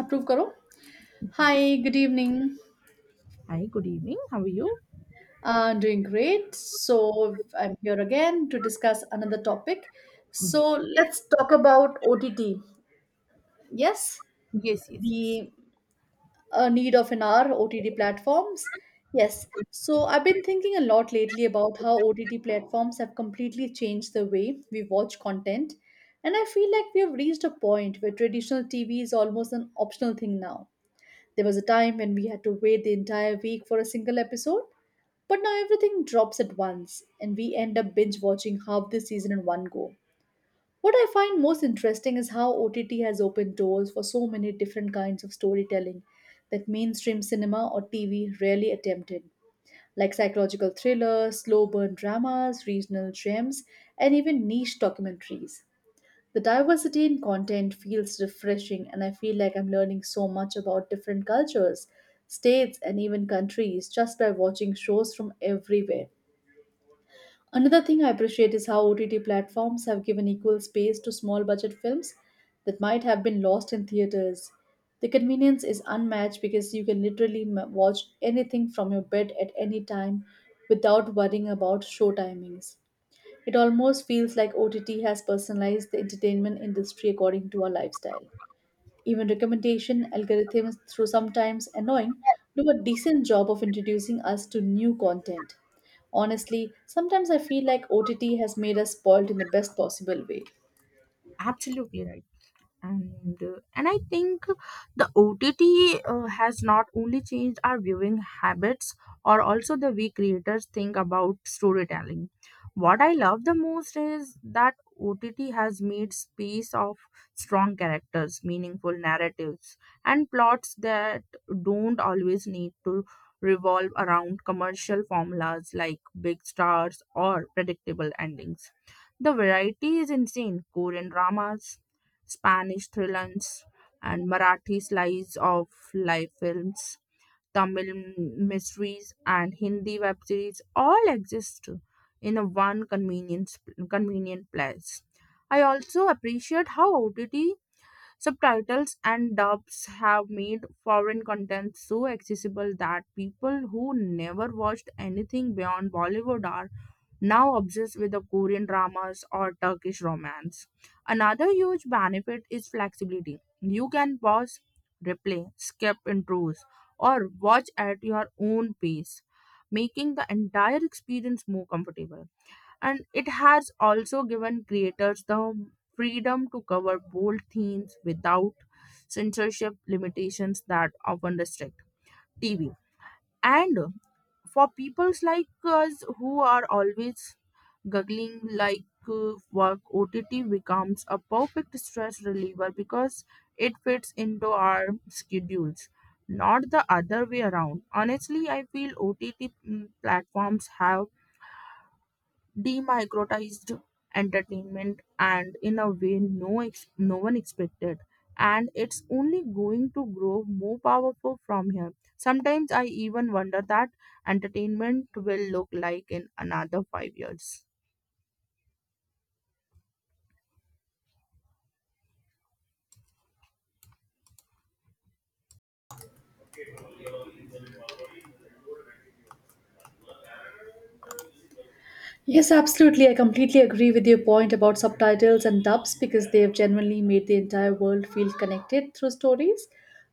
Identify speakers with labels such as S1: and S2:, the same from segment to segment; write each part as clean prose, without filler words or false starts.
S1: Approve karo. Hi.
S2: Yes.
S1: Good evening.
S2: Hi, good evening. How are you?
S1: Doing great. So I'm here again to discuss another topic. So
S2: Yes.
S1: let's talk about OTT. Yes.
S2: Yes, yes, yes.
S1: The need of an hour, OTT platforms. Yes. So I've been thinking a lot lately about how OTT platforms have completely changed the way we watch content, and I feel like we have reached a point where traditional TV is almost an optional thing now. There was a time when we had to wait the entire week for a single episode, but now everything drops at once and we end up binge watching half the season in one go. What I find most interesting is how OTT has opened doors for so many different kinds of storytelling that mainstream cinema or TV rarely attempted, like psychological thrillers, slow burn dramas, regional gems, and even niche documentaries. The diversity in content feels refreshing, and I feel like I'm learning so much about different cultures, states, and even countries just by watching shows from everywhere. Another thing I appreciate is how OTT platforms have given equal space to small budget films that might have been lost in theaters. The convenience is unmatched because you can literally watch anything from your bed at any time without worrying about show timings. It almost feels like OTT has personalized the entertainment industry according to our lifestyle. Even recommendation algorithms, through sometimes annoying, do a decent job of introducing us to new content. Honestly, sometimes I feel like OTT has made us spoiled in the best possible way.
S2: Absolutely right. And I think the OTT has not only changed our viewing habits or also the way creators think about storytelling. What I love the most is that OTT has made space of strong characters, meaningful narratives, and plots that don't always need to revolve around commercial formulas like big stars or predictable endings. The variety is insane. Korean dramas, Spanish thrillers, and Marathi slice of life films, mysteries, and Hindi web series all exist in a one convenient place. I also appreciate how OTT subtitles and dubs have made foreign content so accessible that people who never watched anything beyond Bollywood are now obsessed with the Korean dramas or Turkish romance. Another huge benefit is flexibility. You can pause, replay, skip intros, or watch at your own pace, making the entire experience more comfortable. And it has also given creators the freedom to cover bold themes without censorship limitations that often restrict TV. And for peoples like us who are always Googling like work, OTT becomes a perfect stress reliever because it fits into our schedules, not the other way around. Honestly, I feel OTT platforms have demicrotized entertainment and in a way no one expected, and it's only going to grow more powerful from here. Sometimes I even wonder that entertainment will look like in another 5 years.
S1: Yes, absolutely. I completely agree with your point about subtitles and dubs because they have genuinely made the entire world feel connected through stories.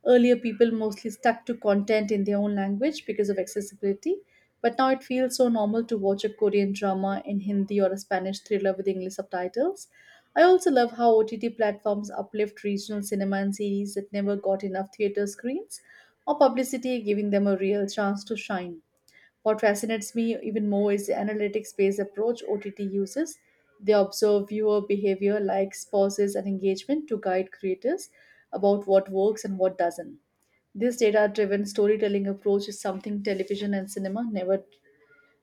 S1: Earlier, people mostly stuck to content in their own language because of accessibility, but now it feels so normal to watch a Korean drama in Hindi or a Spanish thriller with English subtitles. I also love how OTT platforms uplift regional cinema and series that never got enough theater screens or publicity, giving them a real chance to shine. What fascinates me even more is the analytics based approach OTT uses. They observe viewer behavior, likes, pauses, and engagement to guide creators about what works and what doesn't. This data driven storytelling approach is something television and cinema never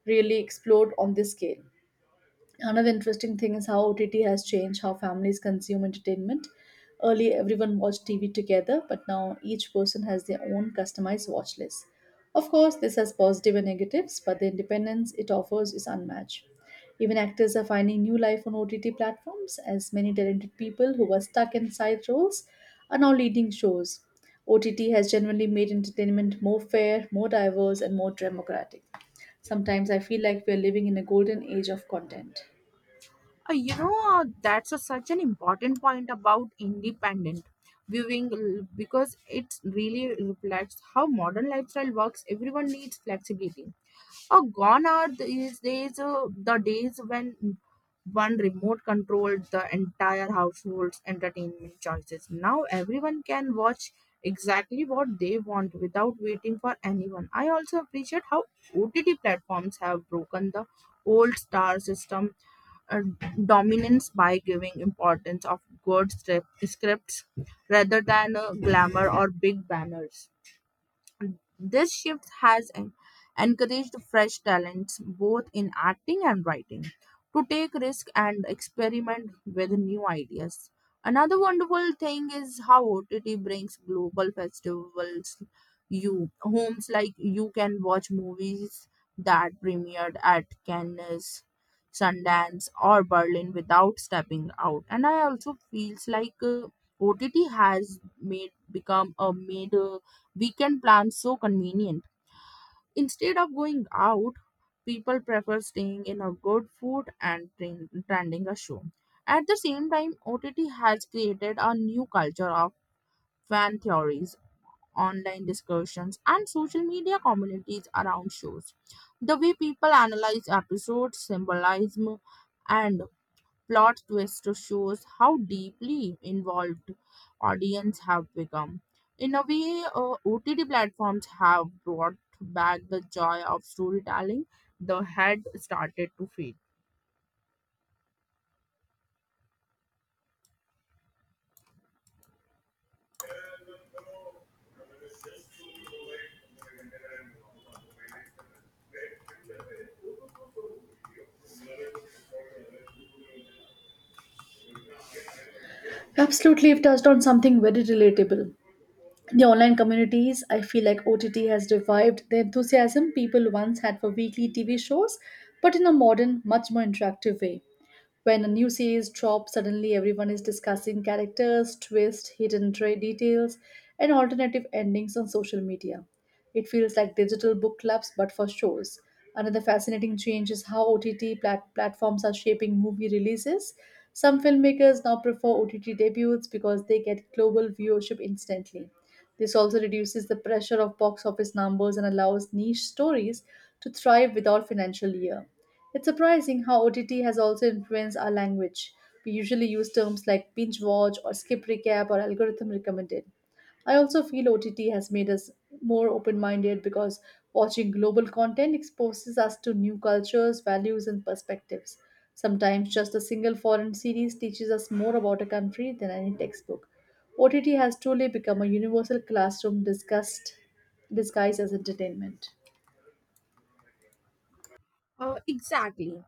S1: really explored on this scale. Another interesting thing is how OTT has changed how families consume entertainment. Early, everyone watched TV together, but now each person has their own customized watch list. Of course, this has positive and negatives, but the independence it offers is unmatched. Even actors are finding new life on OTT platforms, as many talented people who were stuck in side roles are now leading shows. OTT has genuinely made entertainment more fair, more diverse, and more democratic. Sometimes I feel like we are living in a golden age of content.
S2: Uh, you know, that's such an important point about independent because it really reflects how modern lifestyle works. Everyone needs flexibility. Gone are the days when one remote controlled the entire household's entertainment choices. Now everyone can watch exactly what they want without waiting for anyone. I also appreciate how OTT platforms have broken the old star system uh, dominance by giving importance of scripts rather than glamour or big banners. This shift has encouraged fresh talents both in acting and writing to take risk and experiment with new ideas. Another wonderful thing is how OTT brings global festivals you homes, like you can watch movies that premiered at Cannes, Sundance or Berlin without stepping out. And I also feels like OTT has made become a major weekend plans so convenient. Instead of going out, people prefer staying in a good food and attending a show. At the same time, OTT has created a new culture of fan theories, online discussions, and social media communities around shows. The way people analyze episodes, symbolism, and plot twist shows how deeply involved audience have become. In a way, OTT platforms have brought back the joy of storytelling the had started to fade.
S1: Absolutely, you've touched on something very relatable. The online communities, I feel like OTT has revived the enthusiasm people once had for weekly TV shows, but in a modern, much more interactive way. When a new series drops, suddenly everyone is discussing characters, twists, hidden details, and alternative endings on social media. It feels like digital book clubs, but for shows. Another fascinating change is how OTT platforms are shaping movie releases. Some filmmakers now prefer OTT debuts because they get global viewership instantly. This also reduces the pressure of box office numbers and allows niche stories to thrive without financial year. It's surprising how OTT has also influenced our language. We usually use terms like binge watch or skip recap or algorithm recommended. I also feel OTT has made us more open minded because watching global content exposes us to new cultures, values, and perspectives. Sometimes just a single foreign series teaches us more about a country than any textbook. OTT has truly become a universal classroom discussed, disguised as entertainment.
S2: Exactly.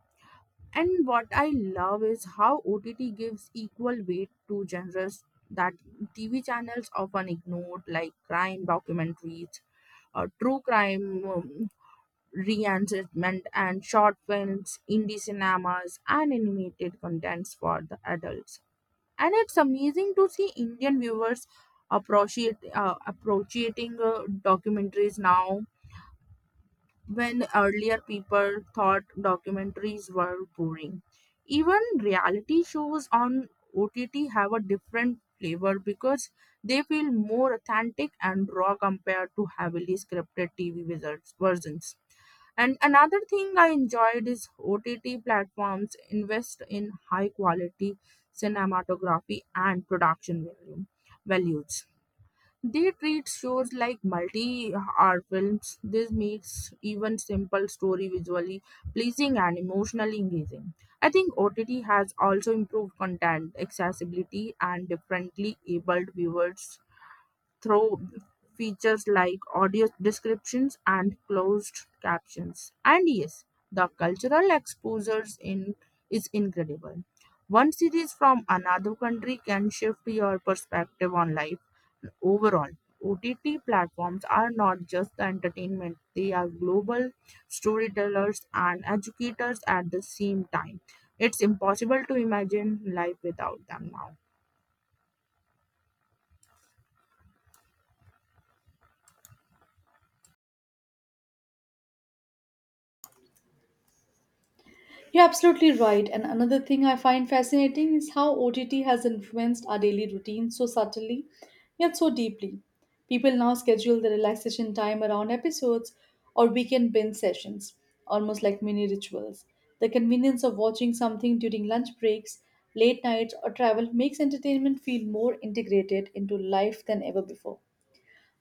S2: And what I love is how OTT gives equal weight to genres that TV channels often ignored, like crime documentaries, true crime, re-entertainment and short films, indie cinemas, and animated contents for the adults. And it's amazing to see Indian viewers appreciate appreciating documentaries now, when earlier people thought documentaries were boring. Even reality shows on OTT have a different flavor because they feel more authentic and raw compared to heavily scripted TV versions. And another thing I enjoyed is OTT platforms invest in high quality cinematography and values. They treat shows like multi hour films. This makes even simple story visually pleasing and emotionally engaging. I think OTT has also improved content accessibility and differently abled viewers through features like audio descriptions and closed captions. And yes, the cultural exposures in is incredible. One series from another country can shift your perspective on life overall. OTT platforms are not just the entertainment, they are global storytellers and educators at the same time. It's impossible to imagine life without them now.
S1: You're absolutely right. And another thing I find fascinating is how OTT has influenced our daily routine so subtly, yet so deeply. People now schedule their relaxation time around episodes or weekend binge sessions, almost like mini rituals. The convenience of watching something during lunch breaks, late nights, or travel makes entertainment feel more integrated into life than ever before.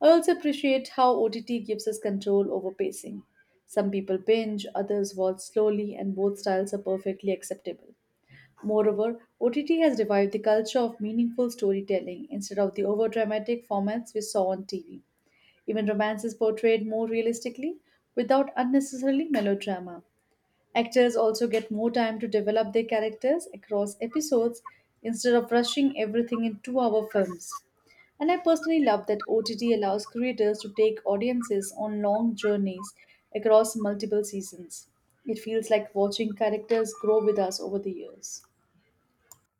S1: I also appreciate how OTT gives us control over pacing. Some people binge, others watch slowly, and both styles are perfectly acceptable. Moreover, OTT has revived the culture of meaningful storytelling instead of the overdramatic formats we saw on TV. Even romance is portrayed more realistically without unnecessarily melodrama. Actors also get more time to develop their characters across episodes instead of rushing everything in 2-hour films. And I personally love that OTT allows creators to take audiences on long journeys across multiple seasons. It feels like watching characters grow with us over the years.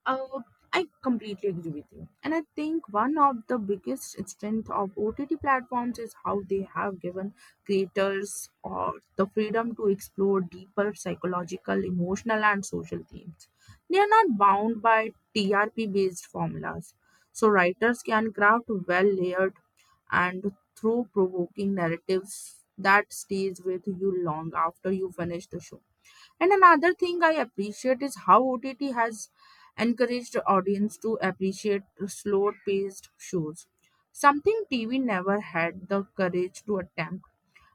S2: Uh, I completely agree with you. And I think one of the biggest strength of OTT platforms is how they have given creators or the freedom to explore deeper psychological, emotional and social themes. They are not bound by TRP based formulas. So writers can craft well layered and through provoking narratives that stays with you long after you finish the show. And another thing I appreciate is how OTT has encouraged the audience to appreciate slow paced shows, something TV never had the courage to attempt.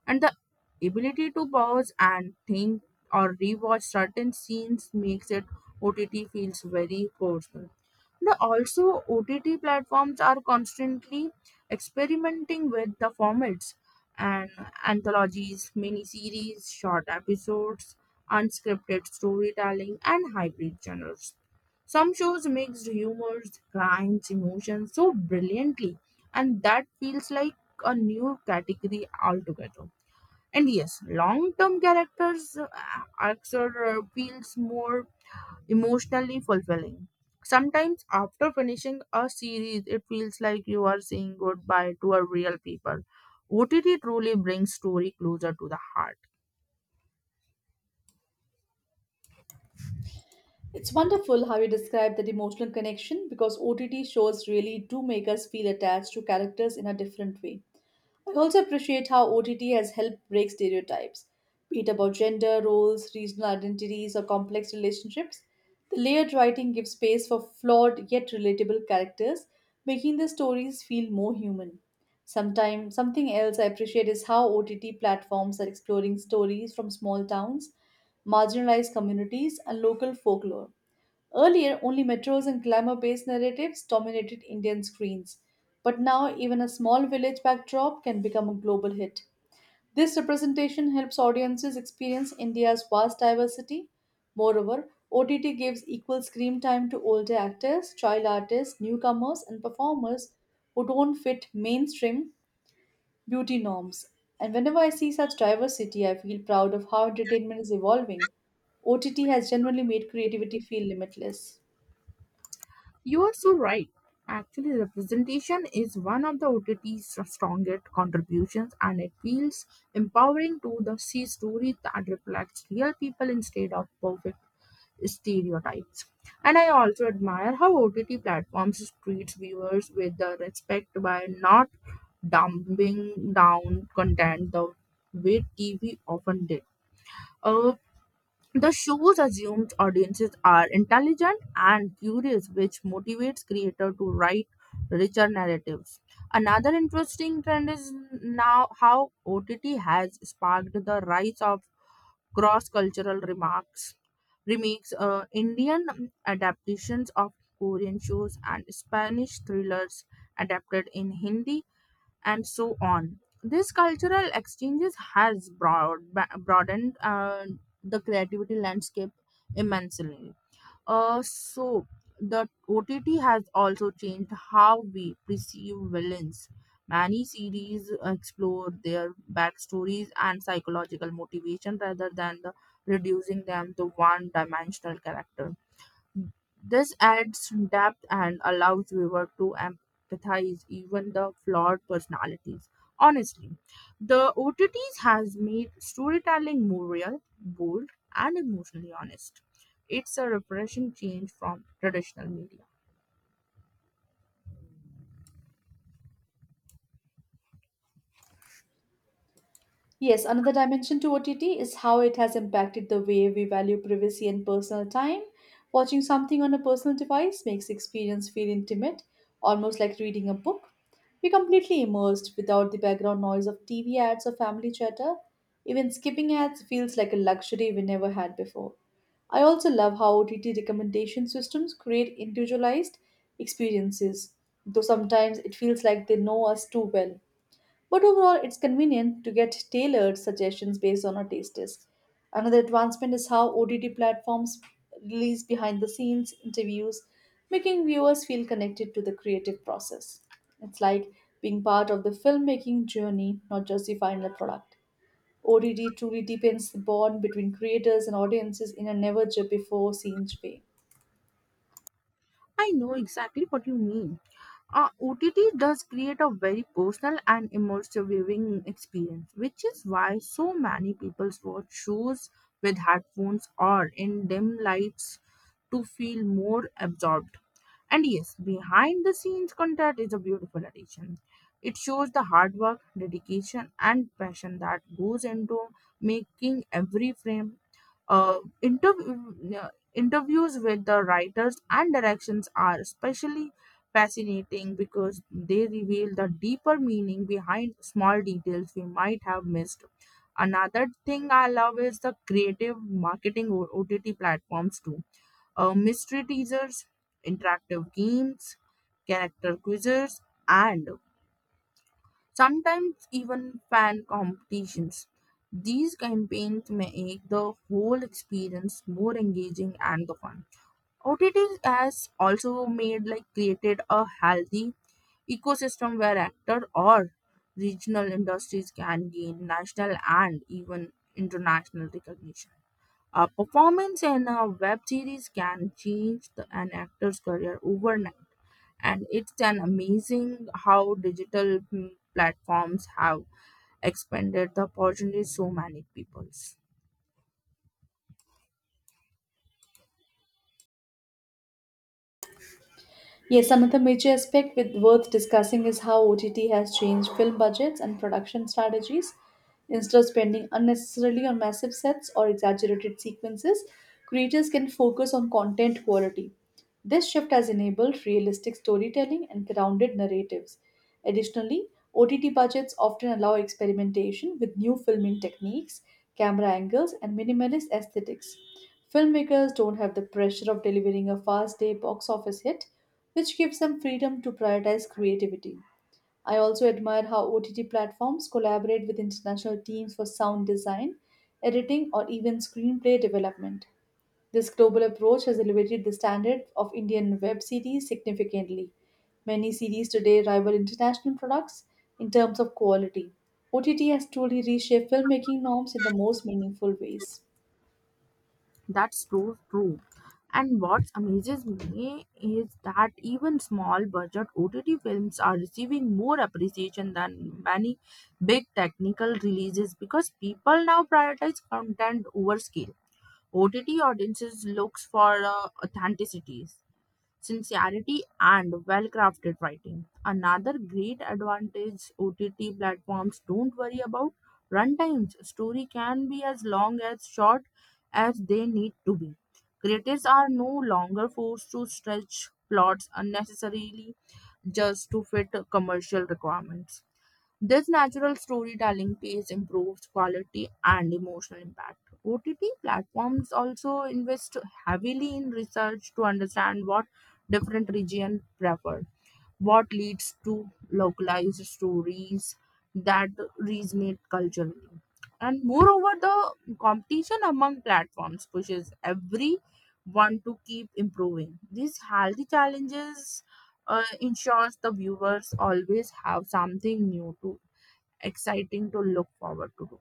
S2: And the ability to pause and think or rewatch certain scenes makes it OTT feels very personal. The also OTT platforms are constantly experimenting with the formats and anthologies, miniseries, short episodes, unscripted storytelling, and hybrid genres. Some shows mixed humors, crimes, emotions so brilliantly, and that feels like a new category altogether. And yes, long term characters arcs are feels more emotionally fulfilling. Sometimes after finishing a series, it feels like you are saying goodbye to a real people. OTT truly brings story closer to the heart.
S1: It's wonderful how you describe that emotional connection because OTT shows really do make us feel attached to characters in a different way. I also appreciate how OTT has helped break stereotypes, be it about gender, roles, regional identities, or complex relationships. The layered writing gives space for flawed yet relatable characters, making the stories feel more human. Sometimes, something else I appreciate is how OTT platforms are exploring stories from small towns, marginalized communities, and local folklore. Earlier, only metros and glamour based narratives dominated Indian screens, but now even a small village backdrop can become a global hit. This representation helps audiences experience India's vast diversity. Moreover, OTT gives equal screen time to older actors, child artists, newcomers, and performers who don't fit mainstream beauty norms. And whenever I see such diversity, I feel proud of how entertainment is evolving. OTT has genuinely made creativity feel limitless.
S2: You are so right. Actually, representation is one of the OTT's strongest contributions, and it feels empowering to the see stories that reflects real people instead of perfect stereotypes. And I also admire how OTT platforms treats viewers with the respect by not dumbing down content the way TV often did. Uh, the shows assumes audiences are intelligent and curious, which motivates creator to write richer narratives. Another interesting trend is now how OTT has sparked the rise of cross cultural remarks remakes, Indian adaptations of Korean shows and Spanish thrillers adapted in Hindi and so on. This cultural exchanges has broadened the creativity landscape immensely. So the OTT has also changed how we perceive villains. Many series explore their backstories and psychological motivation rather than the reducing them to one dimensional character. This adds depth and allows viewer to empathize even the flawed personalities. Honestly, the OTTs has made storytelling more real, bold, and emotionally honest. It's a refreshing change from traditional media.
S1: Yes, another dimension to OTT is how it has impacted the way we value privacy and personal time. Watching something on a personal device makes the experience feel intimate, almost like reading a book. We're completely immersed without the background noise of TV ads or family chatter. Even skipping ads feels like a luxury we never had before. I also love how OTT recommendation systems create individualized experiences, though sometimes it feels like they know us too well. But overall, it's convenient to get tailored suggestions based on our tastes. Another advancement is how OTT platforms release behind the scenes interviews, making viewers feel connected to the creative process. It's like being part of the filmmaking journey, not just the final product. OTT truly deepens the bond between creators and audiences in a never before seen way.
S2: I know exactly what you mean. OTT does create a very personal and immersive viewing experience, which is why so many people watch shows with headphones or in dim lights to feel more absorbed. And yes, behind the scenes content is a beautiful addition. It shows the hard work, dedication, and passion that goes into making every frame. uh, interv- uh, Interviews with the writers and directions are especially fascinating because they reveal the deeper meaning behind small details we might have missed. Another thing I love is the creative marketing or OTT platforms too. Mystery teasers, interactive games, character quizzes, and sometimes even fan competitions. These campaigns make the whole experience more engaging and the fun. OTT has also made like created a healthy ecosystem where actor or regional industries can gain national and even international recognition. A performance in a web series can change an actor's career overnight. And it's an amazing how digital platforms have expanded the opportunities so many peoples.
S1: Yes, another major aspect with worth discussing is how OTT has changed film budgets and production strategies. Instead of spending unnecessarily on massive sets or exaggerated sequences, creators can focus on content quality. This shift has enabled realistic storytelling and grounded narratives. Additionally, OTT budgets often allow experimentation with new filming techniques, camera angles, and minimalist aesthetics. Filmmakers don't have the pressure of delivering a fast day box office hit, which gives them freedom to prioritize creativity. I also admire how OTT platforms collaborate with international teams for sound design, editing, or even screenplay development. This global approach has elevated the standard of Indian web series significantly. Many series today rival international products in terms of quality. OTT has truly reshaped filmmaking norms in the most meaningful ways.
S2: That's so true. And what amazes me is that even small budget OTT films are receiving more appreciation than many big technical releases because people now prioritize content over scale. OTT audiences looks for authenticity, sincerity and well-crafted writing. Another great advantage, OTT platforms don't worry about runtimes. Story can be as long as short as they need to be. Creators are no longer forced to stretch plots unnecessarily just to fit commercial requirements. This natural storytelling pace improves quality and emotional impact. OTT platforms also invest heavily in research to understand what different regions prefer, what leads to localized stories that resonate culturally. And moreover, the competition among platforms pushes everyone to keep improving. These healthy challenges ensures the viewers always have something new to exciting to look forward to.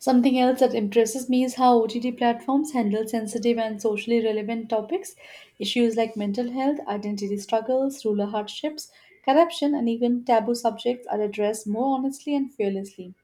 S1: Something else that impresses me is how OTT platforms handle sensitive and socially relevant topics. Issues like mental health, identity struggles, rural hardships, corruption, and even taboo subjects are addressed more honestly and fearlessly.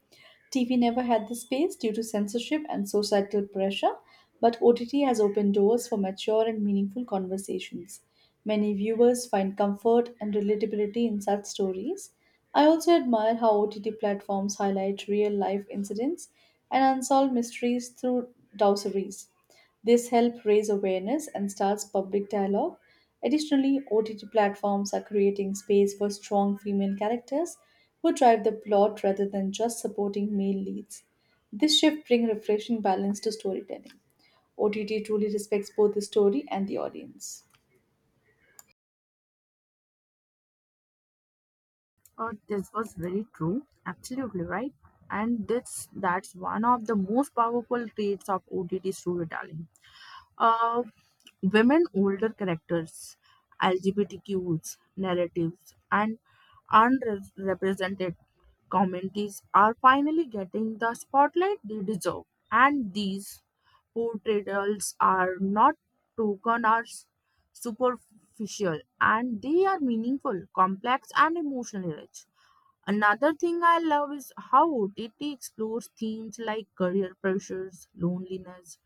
S1: TV never had the space due to censorship and societal pressure, but OTT has opened doors for mature and meaningful conversations. Many viewers find comfort and relatability in such stories. I also admire how OTT platforms highlight real life incidents and unsolved mysteries through dossiers. This helps raise awareness and starts public dialogue. Additionally, OTT platforms are creating space for strong female characters who drive the plot rather than just supporting male leads. This shift brings refreshing balance to storytelling. OTT truly respects both the story and the audience.
S2: This was very true, absolutely right. And this that's one of the most powerful traits of OTT storytelling. Uh, Women older characters, LGBTQs narratives, and unrepresented communities are finally getting the spotlight they deserve. And these portrayals are not token or s- superficial, and they are meaningful, complex, and emotionally rich. Another thing I love is how OTT explores themes like career pressures, loneliness,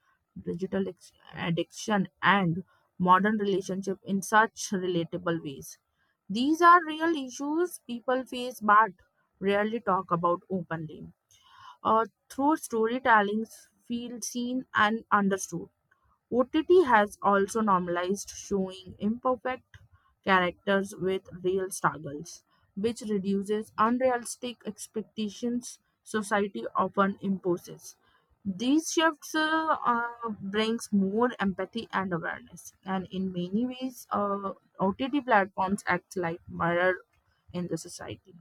S2: addiction, and modern relationship in such relatable ways. These are real issues people face but rarely talk about openly. Through storytelling, feel seen and understood. OTT has also normalized showing imperfect characters with real struggles, which reduces unrealistic expectations society often imposes. These shifts brings more empathy and awareness, and in many ways, OTT platforms act like mirror in the society.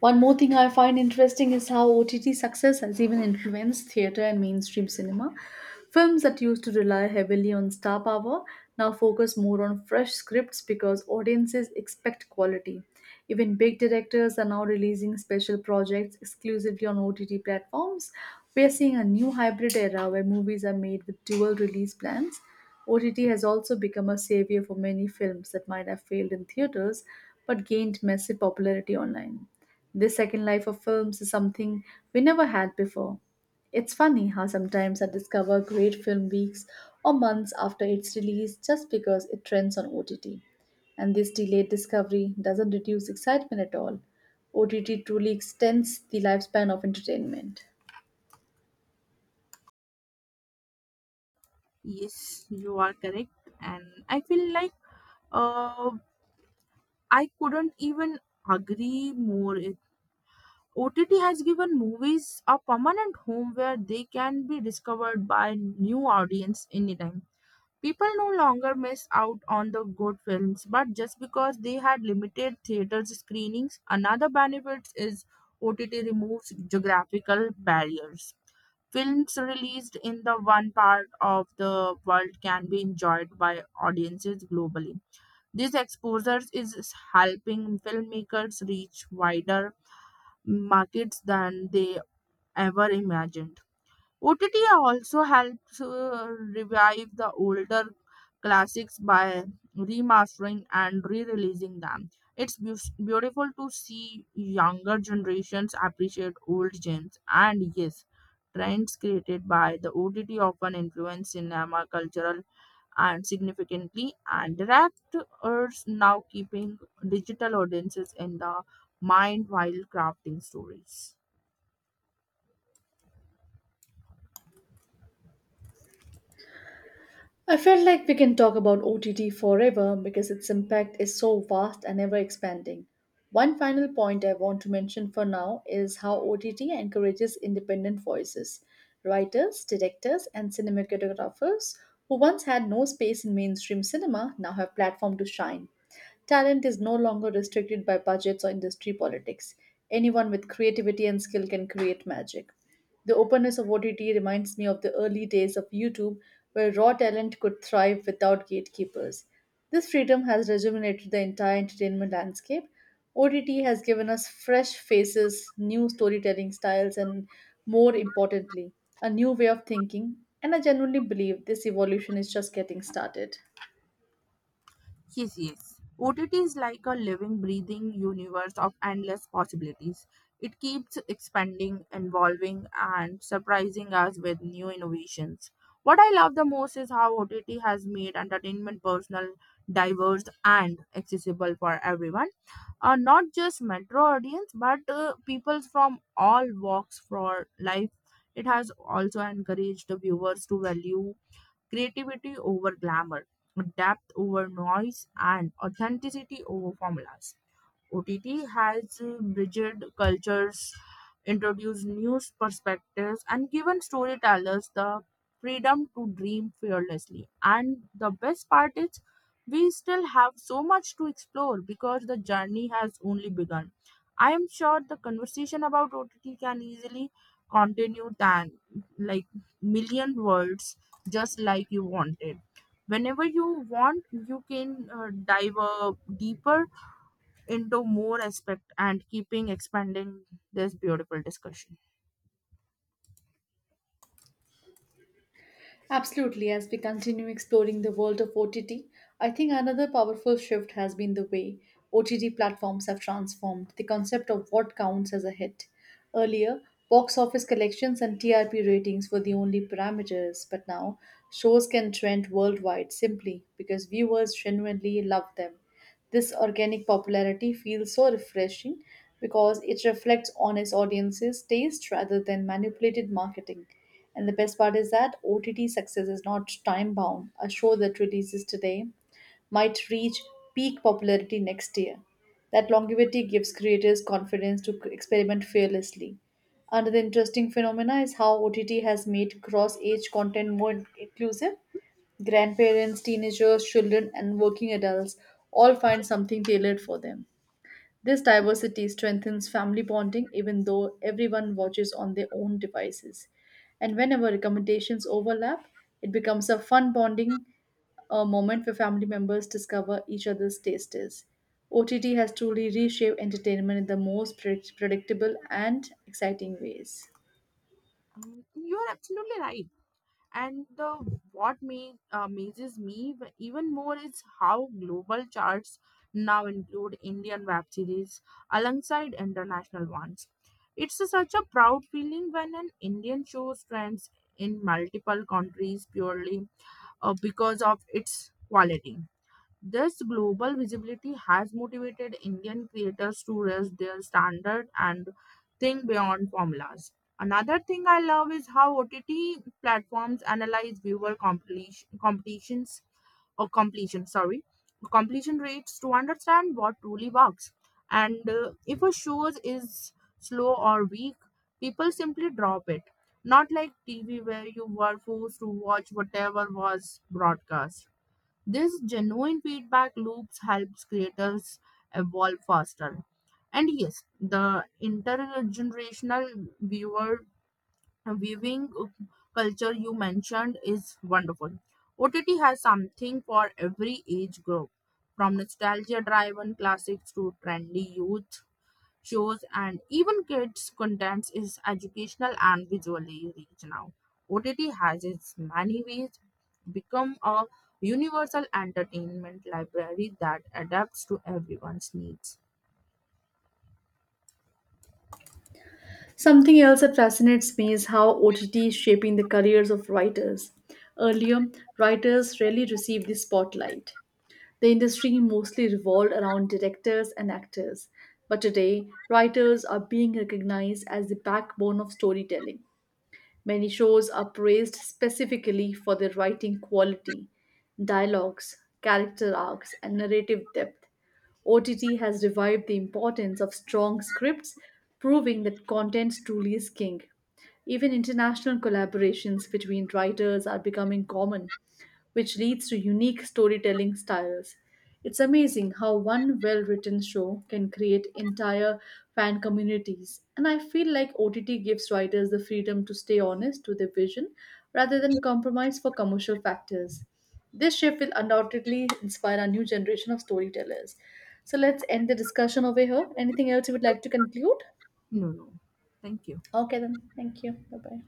S1: One more thing I find interesting is how OTT success has even influenced theatre and mainstream cinema. Films that used to rely heavily on star power now focus more on fresh scripts because audiences expect quality. Even big directors are now releasing special projects exclusively on OTT platforms. We are seeing a new hybrid era where movies are made with dual release plans. OTT has also become a savior for many films that might have failed in theaters but gained massive popularity online. This second life of films is something we never had before. It's funny how sometimes I discover great film weeks or months after its release just because it trends on OTT. And this delayed discovery doesn't reduce excitement at all. OTT truly extends the lifespan of entertainment.
S2: Yes, you are correct, and I feel like uh, I couldn't even agree more. It OTT has given movies a permanent home where they can be discovered by new audience anytime. People no longer miss out on the good films, but just because they had limited theaters screenings, another benefit is OTT removes geographical barriers. Films released in the one part of the world can be enjoyed by audiences globally. This exposure is helping filmmakers reach wider markets than they ever imagined. OTT also helps revive the older classics by remastering and re-releasing them. It's beautiful to see younger generations appreciate old gems. And yes, trends created by the OTT often influence cinema cultural and significantly and directors now keeping digital audiences in the mind while crafting stories.
S1: I feel like we can talk about OTT forever because its impact is so vast and ever expanding. One final point I want to mention for now is how OTT encourages independent voices. Writers, directors, and cinematographers who once had no space in mainstream cinema now have platform to shine. Talent is no longer restricted by budgets or industry politics. Anyone with creativity and skill can create magic. The openness of OTT reminds me of the early days of YouTube, where raw talent could thrive without gatekeepers. This freedom has rejuvenated the entire entertainment landscape. OTT has given us fresh faces, new storytelling styles, and more importantly, a new way of thinking. And I genuinely believe this evolution is just getting started.
S2: Yes, yes. OTT is like a living, breathing universe of endless possibilities. It keeps expanding, evolving, and surprising us with new innovations. What I love the most is how OTT has made entertainment personal, diverse, and accessible for everyone. Not just metro audience, but people from all walks for life. It has also encouraged the viewers to value creativity over glamour, depth over noise, and authenticity over formulas. OTT has bridged cultures, introduced new perspectives, and given storytellers the freedom to dream fearlessly. And the best part is, we still have so much to explore because the journey has only begun. I am sure the conversation about OTT can easily continue than like million words, just like you wanted. Whenever you want, you can dive deeper into more aspect and keeping expanding this beautiful discussion.
S1: Absolutely, as we continue exploring the world of OTT, I think another powerful shift has been the way OTT platforms have transformed the concept of what counts as a hit. Earlier, box office collections and TRP ratings were the only parameters, but now shows can trend worldwide simply because viewers genuinely love them. This organic popularity feels so refreshing because it reflects on its audience's taste rather than manipulated marketing. And the best part is that OTT success is not time bound. A show that releases today might reach peak popularity next year. That longevity gives creators confidence to experiment fearlessly. Another interesting phenomena is how OTT has made cross age content more inclusive. Grandparents, teenagers, children, and working adults all find something tailored for them. This diversity strengthens family bonding even though everyone watches on their own devices. And whenever recommendations overlap, it becomes a fun bonding, a moment where family members discover each other's tastes. OTT has truly reshaped entertainment in the most predictable and exciting ways.
S2: You're absolutely right. And the what me amazes me even more is how global charts now include Indian web series alongside international ones. It's such a proud feeling when an Indian show trends in multiple countries purely because of its quality. This global visibility has motivated Indian creators to raise their standard and think beyond formulas. Another thing I love is how OTT platforms analyze viewer completion, completion rates to understand what truly works. And if a show is slow or weak, people simply drop it. Not like TV where you were forced to watch whatever was broadcast. This genuine feedback loops helps creators evolve faster. And yes, the intergenerational viewer viewing culture you mentioned is wonderful. OTT has something for every age group, from nostalgia driven classics to trendy youth shows and even kids contents is educational and visually rich now. OTT has its many ways become a universal entertainment library that adapts to everyone's needs.
S1: Something else that fascinates me is how OTT is shaping the careers of writers. Earlier, writers rarely received the spotlight. The industry mostly revolved around directors and actors. But today, writers are being recognized as the backbone of storytelling. Many shows are praised specifically for their writing quality, dialogues, character arcs, and narrative depth. OTT has revived the importance of strong scripts, proving that content truly is king. Even international collaborations between writers are becoming common, which leads to unique storytelling styles. It's amazing how one well written show can create entire fan communities, and I feel like OTT gives writers the freedom to stay honest to their vision rather than compromise for commercial factors. This shift will undoubtedly inspire a new generation of storytellers. So let's end the discussion over here. Anything else you would like to conclude?
S2: No, no, thank you.
S1: Okay, then. Thank you. Bye bye.